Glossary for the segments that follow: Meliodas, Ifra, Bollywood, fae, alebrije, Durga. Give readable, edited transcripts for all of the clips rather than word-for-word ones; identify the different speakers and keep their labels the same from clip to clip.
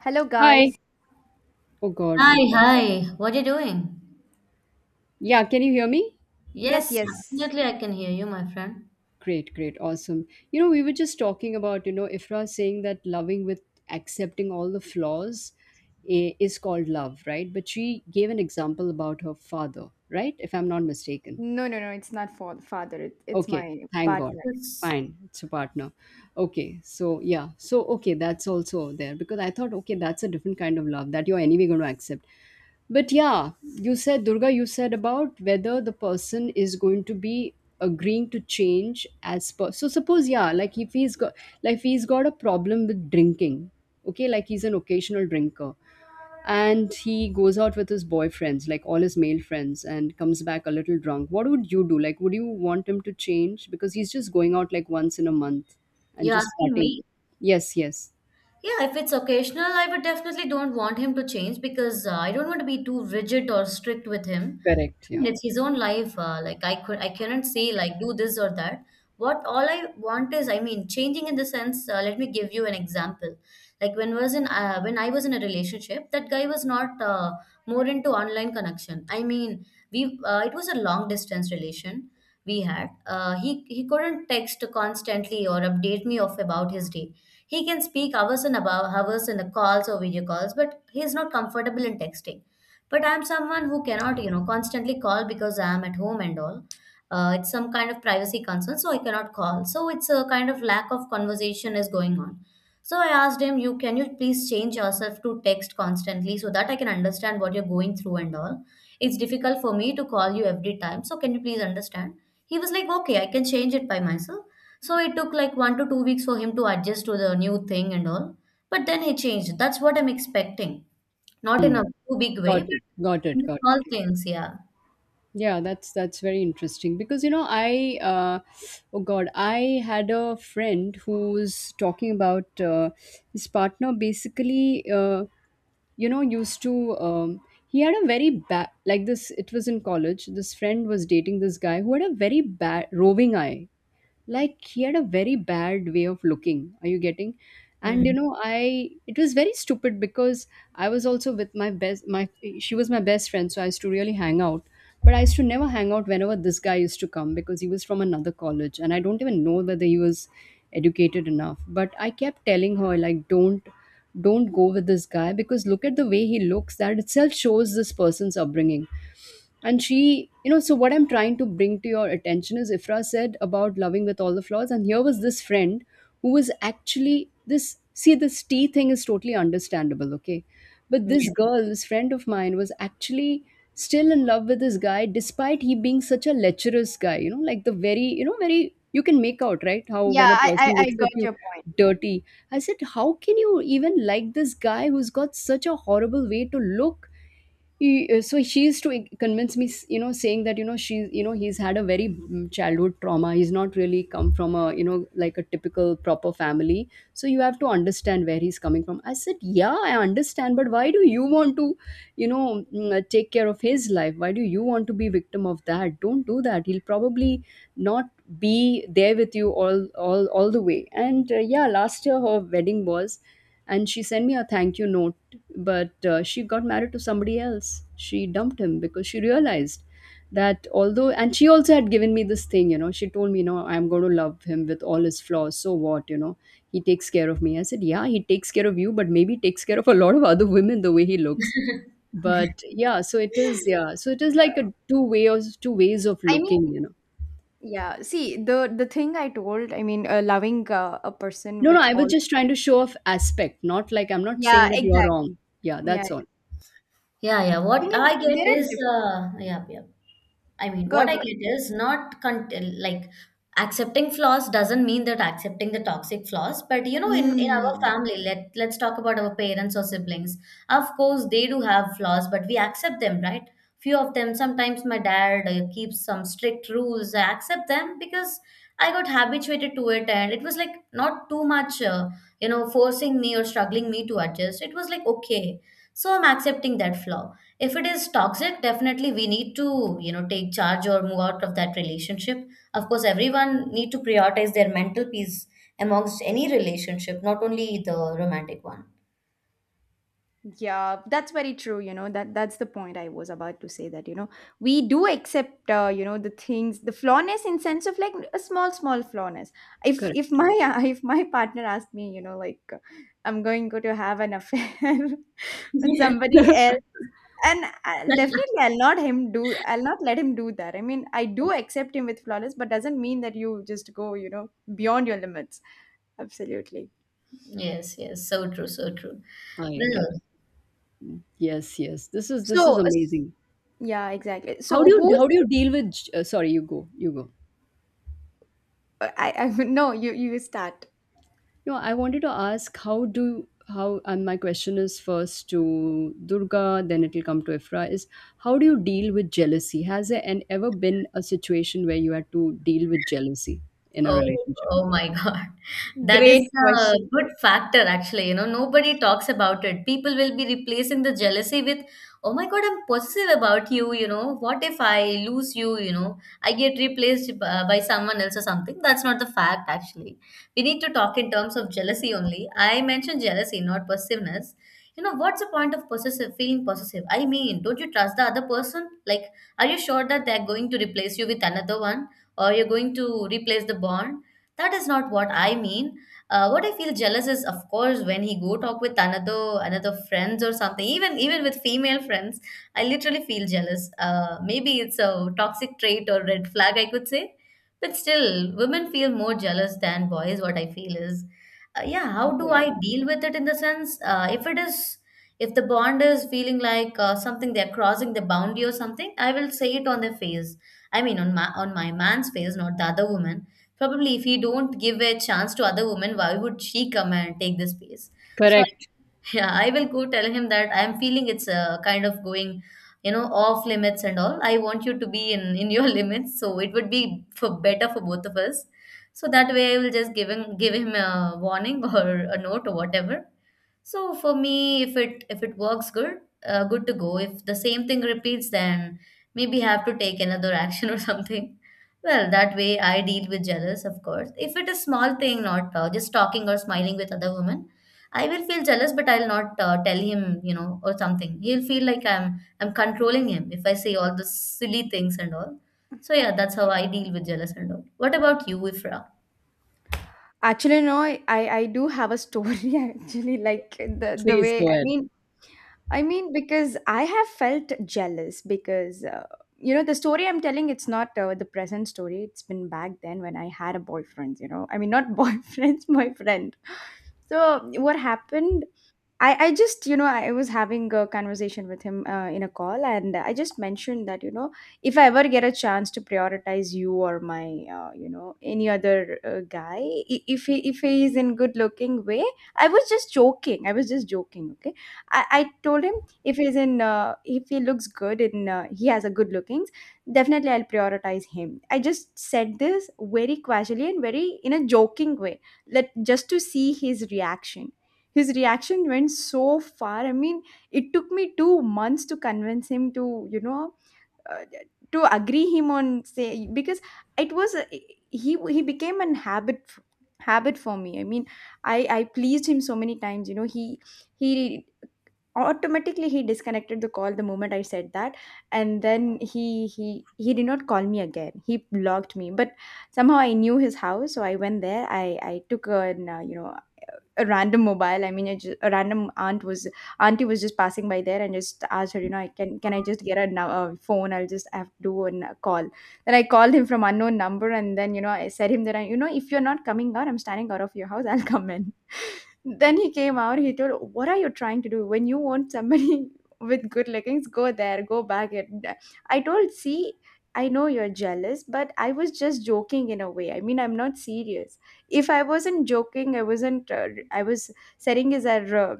Speaker 1: Hello,
Speaker 2: Hi.
Speaker 1: guys.
Speaker 2: Oh God. Oh
Speaker 3: Hi,
Speaker 2: God.
Speaker 3: hi. What are you doing?
Speaker 2: Yeah, can you hear me?
Speaker 1: Yes,
Speaker 3: Yes,
Speaker 1: yes.
Speaker 3: absolutely. I can hear you, my friend.
Speaker 2: Great, great, awesome. We were just talking about, Ifra saying that loving with accepting all the flaws is called love, right? But she gave an example about her father, right? If I'm not mistaken.
Speaker 1: No, no, no. It's not for father. It's
Speaker 2: Okay,
Speaker 1: my
Speaker 2: thank God.
Speaker 1: partner.
Speaker 3: Yes.
Speaker 2: Fine, it's a partner. Okay, so yeah, so okay, that's also there because I thought, okay, that's a different kind of love that you're anyway going to accept. But yeah, you said, Durga, you said about whether the person is going to be agreeing to change as per. So suppose, yeah, like if he's got a problem with drinking, okay, like he's an occasional drinker, and he goes out with his boyfriends, like all his male friends, and comes back a little drunk. What would you do? Like, would you want him to change because he's just going out like once in a month and
Speaker 3: You're
Speaker 2: just
Speaker 3: asking
Speaker 2: partying?
Speaker 3: me?
Speaker 2: Yes, yes.
Speaker 3: Yeah, if it's occasional, I would definitely don't want him to change because I don't want to be too rigid or strict with him.
Speaker 2: Correct,
Speaker 3: I
Speaker 2: yeah.
Speaker 3: mean, it's his own life. I cannot say like do this or that. What all I want is, I mean, changing in the sense. Let me give you an example. Like when was in when I was in a relationship, that guy was not more into online connection. I mean, we it was a long distance relation we had. He couldn't text constantly or update me of about his day, he can speak hours and above hours in the calls or video calls, but he is not comfortable in texting. But I'm someone who cannot, you know, constantly call because I'm at home and all. It's some kind of privacy concern, so I cannot call. So it's a kind of lack of conversation is going on. So I asked him, "You can you please change yourself to text constantly so that I can understand what you're going through and all. It's difficult for me to call you every time, so can you please understand?" He was like, "Okay, I can change it by myself." So it took like 1 to 2 weeks for him to adjust to the new thing and all. But then he changed. That's what I'm expecting. Not in a too big way,
Speaker 2: Got
Speaker 3: but
Speaker 2: it, got it,
Speaker 3: in
Speaker 2: got
Speaker 3: small
Speaker 2: it.
Speaker 3: things, yeah.
Speaker 2: Yeah, that's very interesting, because you know I oh god, I had a friend who was talking about his partner, basically. You know used to He had a very bad, like, this — it was in college. This friend was dating this guy who had a very bad roving eye, like he had a very bad way of looking. Are you getting? And you
Speaker 3: Mm.
Speaker 2: know I it was very stupid, because I was also with my best my she was my best friend, so I used to really hang out. But I used to never hang out whenever this guy used to come, because he was from another college, and I don't even know whether he was educated enough. But I kept telling her, like, don't go with this guy, because look at the way he looks — that itself shows this person's upbringing. And she, so what I'm trying to bring to your attention is Ifra said about loving with all the flaws. And here was this friend who was actually — this, see, this tea thing is totally understandable, okay? But this
Speaker 3: Yeah.
Speaker 2: girl, this friend of mine, was actually still in love with this guy, despite he being such a lecherous guy, like the very, very, you can make out, right? How
Speaker 1: Yeah,
Speaker 2: when a
Speaker 1: I, I,
Speaker 2: person
Speaker 1: I
Speaker 2: looks at
Speaker 1: got
Speaker 2: you,
Speaker 1: your point.
Speaker 2: dirty. I said, how can you even like this guy who's got such a horrible way to look? So she used to convince me, you know saying that you know she's you know he's had a very childhood trauma. He's not really come from a, like, a typical proper family, so you have to understand where he's coming from. I said, yeah, I understand, but why do you want to you know take care of his life? Why do you want to be victim of that? Don't do that. He'll probably not be there with you all the way. And yeah, last year her wedding was, and she sent me a thank you note. But she got married to somebody else. She dumped him, because she realized that although and she also had given me this thing. She told me, I'm going to love him with all his flaws, so what? He takes care of me. I said, yeah, he takes care of you, but maybe takes care of a lot of other women, the way he looks. But yeah, so it is like a two ways of
Speaker 1: I
Speaker 2: looking
Speaker 1: mean,
Speaker 2: you know
Speaker 1: yeah. See, the thing I told. I mean, loving a person
Speaker 2: No, no,
Speaker 1: with
Speaker 2: I was
Speaker 1: all.
Speaker 2: just trying to show off aspect, not like I'm not
Speaker 1: Yeah,
Speaker 2: saying that you're
Speaker 1: exactly.
Speaker 2: wrong. Yeah,
Speaker 1: Yeah.
Speaker 2: that's all.
Speaker 3: Yeah, yeah.
Speaker 1: I
Speaker 3: What
Speaker 1: mean,
Speaker 3: I get
Speaker 1: there are
Speaker 3: is,
Speaker 1: different.
Speaker 3: uh, yeah, yeah. I mean,
Speaker 1: Go,
Speaker 3: what I
Speaker 1: go.
Speaker 3: get is not like accepting flaws doesn't mean that accepting the toxic flaws, but you know, in our
Speaker 1: Mm.
Speaker 3: family, let's talk about our parents or siblings. Of course, they do have flaws, but we accept them, right? Few of them. Sometimes my dad keeps some strict rules. I accept them because I got habituated to it, and it was like not too much, you know, forcing me or struggling me to adjust. It was like, okay, so I'm accepting that flaw. If it is toxic, definitely we need to, you know, take charge or move out of that relationship. Of course, everyone need to prioritize their mental peace amongst any relationship, not only the romantic one.
Speaker 1: Yeah, that's very true. You know that that's the point I was about to say that you know we do accept you know the things the flawness in sense of like a small small flawness. If
Speaker 2: Correct,
Speaker 1: my if my partner asked me you know like I'm going go to have an affair with somebody else and I'll, definitely I'll not him do I'll not let him do that. I mean I do accept him with flawless, but doesn't mean that you just go you know beyond your limits. Absolutely.
Speaker 3: Yes, yes, so true, so true.
Speaker 2: I guess.
Speaker 3: Well,
Speaker 2: Yes, yes. This is
Speaker 1: So
Speaker 2: amazing.
Speaker 1: yeah, exactly.
Speaker 2: How
Speaker 1: So
Speaker 2: do you
Speaker 1: who's
Speaker 2: how do you deal with? Sorry, you go, you go.
Speaker 1: I no, you start.
Speaker 2: No, I wanted to ask how do how and my question is first to Durga, then it'll come to Ifra. Is How do you deal with jealousy? Has there ever been a situation where you had to deal with jealousy in a
Speaker 3: oh,
Speaker 2: relationship?
Speaker 3: oh my God. That is
Speaker 1: Great
Speaker 3: a
Speaker 1: question.
Speaker 3: good factor, actually. You know, nobody talks about it. People will be replacing the jealousy with, oh my God, I'm possessive about you. You know, what if I lose you? You know, I get replaced by, someone else or something. That's not the fact, actually. We need to talk in terms of jealousy only. I mentioned jealousy, not possessiveness. You know, what's the point of possessive, feeling possessive? I mean, don't you trust the other person? Like, are you sure that they're going to replace you with another one? Or you're going to replace the bond. That is not what I mean. What I feel jealous is, of course, when he go talk with another friends or something. Even with female friends, I literally feel jealous. Maybe it's a toxic trait or red flag, I could say. But still, women feel more jealous than boys. What I feel is, yeah. How do
Speaker 1: Yeah.
Speaker 3: I deal with it in the sense, if it is, if the bond is feeling like something they're crossing the boundary or something, I will say it on their face. I mean, on my man's face, not the other woman. Probably, if he don't give a chance to other woman, why would she come and take this space? So, I,
Speaker 2: Correct.
Speaker 3: yeah, I will go tell him that I am feeling it's kind of going, you know, off limits and all. I want you to be in your limits, so it would be for better for both of us. So that way, I will just give him a warning or a note or whatever. So for me, if it works good, good to go. If the same thing repeats, then maybe have to take another action or something. Well, that way I deal with jealous, of course. If it is small thing, not just talking or smiling with other women, I will feel jealous, but I'll not tell him, you know, or something. He'll feel like I'm controlling him if I say all the silly things and all. So yeah, that's how I deal with jealous and all. What about you, Ifra?
Speaker 1: Actually, no, I do have a story actually like the
Speaker 2: Please
Speaker 1: way
Speaker 2: go ahead.
Speaker 1: I mean because I have felt jealous because you know the story I'm telling it's not the present story it's been back then when I had a boyfriend you know I mean not boyfriend my friend so what happened I just you know I was having a conversation with him in a call and I just mentioned that you know if I ever get a chance to prioritize you or my you know any other guy if he is in good looking way I was just joking I was just joking okay I told him if he's in if he looks good and he has a good lookings definitely I'll prioritize him I just said this very casually and very in a joking way let just to see his reaction went so far. I mean, it took me 2 months to convince him to, you know, uh, to agree him on say because it was a, he became an habit for me. I mean, I pleased him so many times. You know, he automatically he disconnected the call the moment I said that, and then he did not call me again. He blocked me, but somehow I knew his house, so I went there. I took an you know a random mobile. I mean, I just, a random aunt was auntie was just passing by there and just asked her, you know, I can I just get a, a phone? I'll just have to do a call. Then I called him from unknown number, and then you know I said him that I, you know if you're not coming out, I'm standing out of your house. I'll come in. Then he came out. He told, "What are you trying to do? When you want somebody with good leggings, go there, go back." And I told, "See, I know you're jealous, but I was just joking in a way. I mean, I'm not serious." If I wasn't joking I wasn't I was saying is that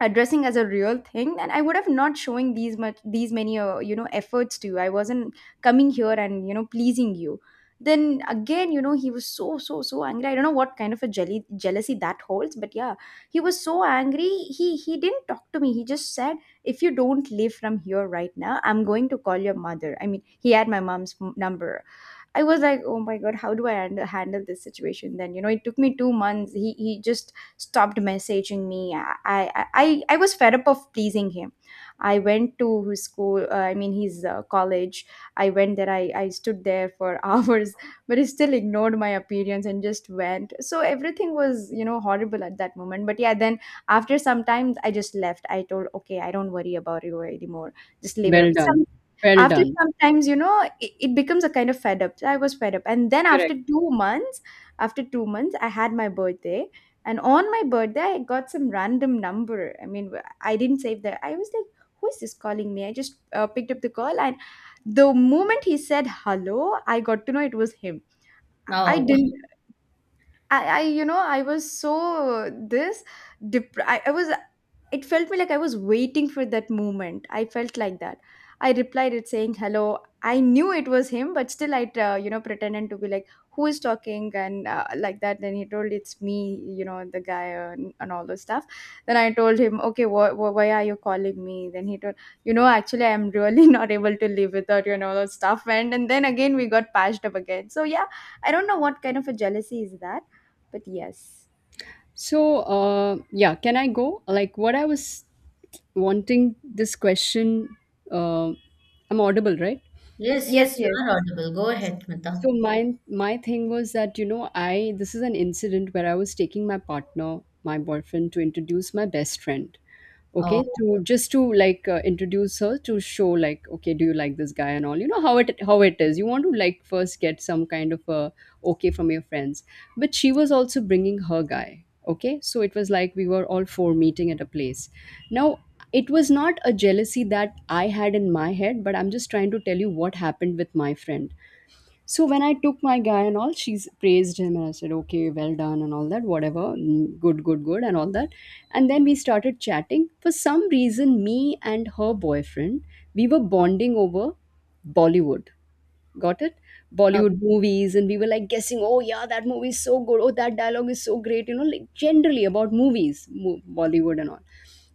Speaker 1: addressing as a real thing then I would have not showing these much these many you know efforts to you I wasn't coming here and you know pleasing you then again you know he was so so so angry I don't know what kind of a jelly jealousy that holds but yeah he was so angry he didn't talk to me he just said if you don't leave from here right now I'm going to call your mother I mean he had my mom's number. I was like, oh my god, how do I handle this situation? Then you know, it took me 2 months. He just stopped messaging me. I was fed up of pleasing him. I went to his school, I mean, his college. I went there, I stood there for hours, but he still ignored my appearance and just went. So everything was, you know, horrible at that moment. But yeah, then after some time, I just left. I told, okay, I don't worry about you anymore. Just leave it up.
Speaker 2: Well done. Well
Speaker 1: After
Speaker 2: done.
Speaker 1: sometimes, you know, it becomes a kind of fed up. So, I was fed up. And then after
Speaker 2: Correct.
Speaker 1: 2 months, after 2 months, I had my birthday. And on my birthday, I got some random number. I mean, I didn't save that. I was like, who is this calling me? I just picked up the call. And the moment he said hello, I got to know it was him. I
Speaker 3: Now,
Speaker 1: didn't, I you know, I was so I was it felt me like I was waiting for that moment. I felt like that. I replied it saying hello. I knew it was him, but still I, you know, pretended to be like, who is talking and like that. Then he told it's me, you know, the guy and all those stuff. Then I told him, okay, why are you calling me? Then he told, you know, actually I'm really not able to live without you and all those stuff. And then again we got patched up again. So yeah, I don't know what kind of a jealousy is that, but yes,
Speaker 2: So, yeah, can I go? Like, what I was wanting this question, uh, I'm audible, right?
Speaker 3: yes,
Speaker 1: yes,
Speaker 3: yes, you
Speaker 1: yes,
Speaker 3: are audible. Go ahead, Mita.
Speaker 2: So my thing was that, you know I this is an incident where I was taking my partner, my boyfriend, to introduce my best friend, okay,
Speaker 3: Oh,
Speaker 2: to just to like, introduce her, to show, like, okay, do you like this guy and all, you know how it is. You want to, like, first get some kind of a okay from your friends. But she was also bringing her guy, okay, so it was like we were all four meeting at a place now. It was not a jealousy that I had in my head, but I'm just trying to tell you what happened with my friend. So when I took my guy and all, she's praised him, and I said, okay, well done and all that, whatever, good, good, good, and all that. And then we started chatting. For some reason, me and her boyfriend, we were bonding over Bollywood. Got it.
Speaker 3: okay.
Speaker 2: Bollywood movies, and we were, like, guessing, oh yeah, that movie is so good, oh, that dialogue is so great. Like, generally about movies, Bollywood and all.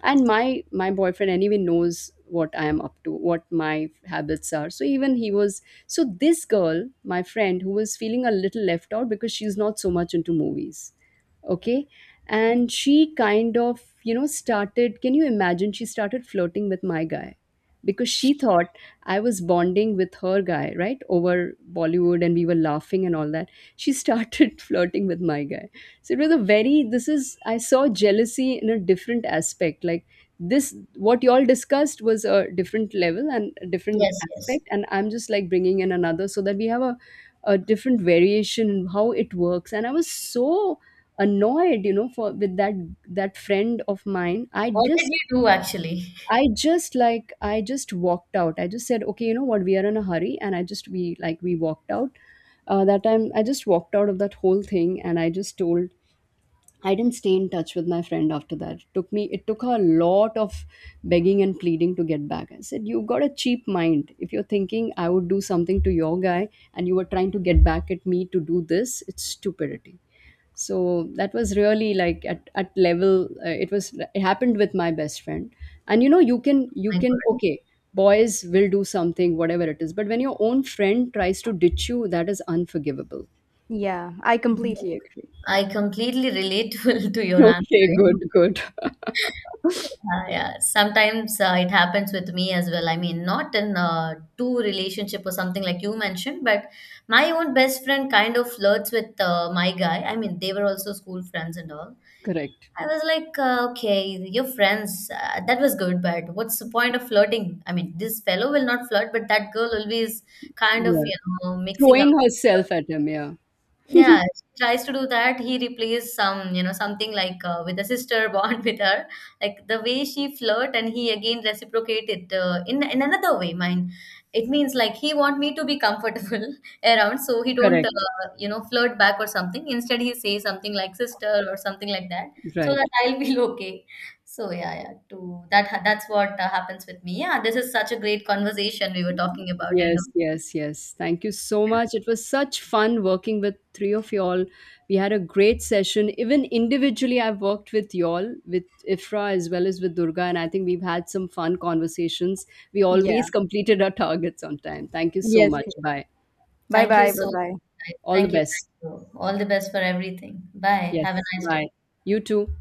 Speaker 2: And my boyfriend anyway knows what I am up to, what my habits are, so even he was so this girl, my friend, who was feeling a little left out because she's not so much into movies, okay, and she kind of, started — can you imagine — she started flirting with my guy, because she thought I was bonding with her guy, right, over Bollywood, and we were laughing and all that. She started flirting with my guy. So it was a very, this is, I saw jealousy in a different aspect. Like this, what y'all discussed was a different level and a different
Speaker 3: Yes, yes.
Speaker 2: aspect. And I'm just, like, bringing in another, so that we have a different variation in how it works. And I was so annoyed, for with that friend of mine, i
Speaker 3: What did
Speaker 2: just
Speaker 3: you do actually?
Speaker 2: I just like I just walked out. I just said, okay, you know what, we are in a hurry, and I just we like we walked out. That time, I just walked out of that whole thing, and I just told I didn't stay in touch with my friend after that. It took her a lot of begging and pleading to get back. I said, you have got a cheap mind. If you're thinking I would do something to your guy, and you were trying to get back at me to do this, it's stupidity. So that was really, like, at level, it happened with my best friend. And you can you
Speaker 3: My
Speaker 2: can
Speaker 3: God.
Speaker 2: okay, boys will do something, whatever it is, but when your own friend tries to ditch you, that is unforgivable.
Speaker 1: yeah, I completely agree.
Speaker 3: I completely relatable to your answer,
Speaker 2: Okay,
Speaker 3: you know.
Speaker 2: good, good.
Speaker 3: Yeah, sometimes it happens with me as well. I mean, not in a two relationship or something like you mentioned, but my own best friend kind of flirts with my guy. I mean, they were also school friends and all.
Speaker 2: Correct.
Speaker 3: I was like, okay, your friends, that was good, but what's the point of flirting? I mean, this fellow will not flirt, but that girl always kind of,
Speaker 2: Yeah,
Speaker 3: you know, mixing up.
Speaker 2: throwing herself at him, yeah.
Speaker 3: Yeah, she tries to do that. He replaces some, you know, something like with a sister bond with her, like the way she flirt, and he again reciprocate it in another way. Mine, it means like he want me to be comfortable around, so he don't,
Speaker 2: Correct,
Speaker 3: you know, flirt back or something. Instead, he say something like sister or something like that, so
Speaker 2: right.
Speaker 3: that I'll feel okay. So yeah, yeah, to that that's what happens with me. Yeah, this is such a great conversation we were talking about, and
Speaker 2: Yes, yes, yes. Thank you so much. It was such fun working with three of y'all. We had a great session. Even individually, I've worked with y'all, with Ifra as well as with Durga, and I think we've had some fun conversations. We
Speaker 1: Yeah.
Speaker 2: always completed our targets on time. Thank you so
Speaker 1: Yes.
Speaker 2: much. Bye.
Speaker 1: Bye
Speaker 3: Thank you
Speaker 1: bye. Bye
Speaker 3: so
Speaker 1: bye.
Speaker 3: much.
Speaker 2: All the
Speaker 3: Thank you.
Speaker 2: best.
Speaker 3: Thank you. All the best for everything. Bye. Have a
Speaker 2: Yes,
Speaker 3: nice
Speaker 2: bye.
Speaker 3: day.
Speaker 2: You too.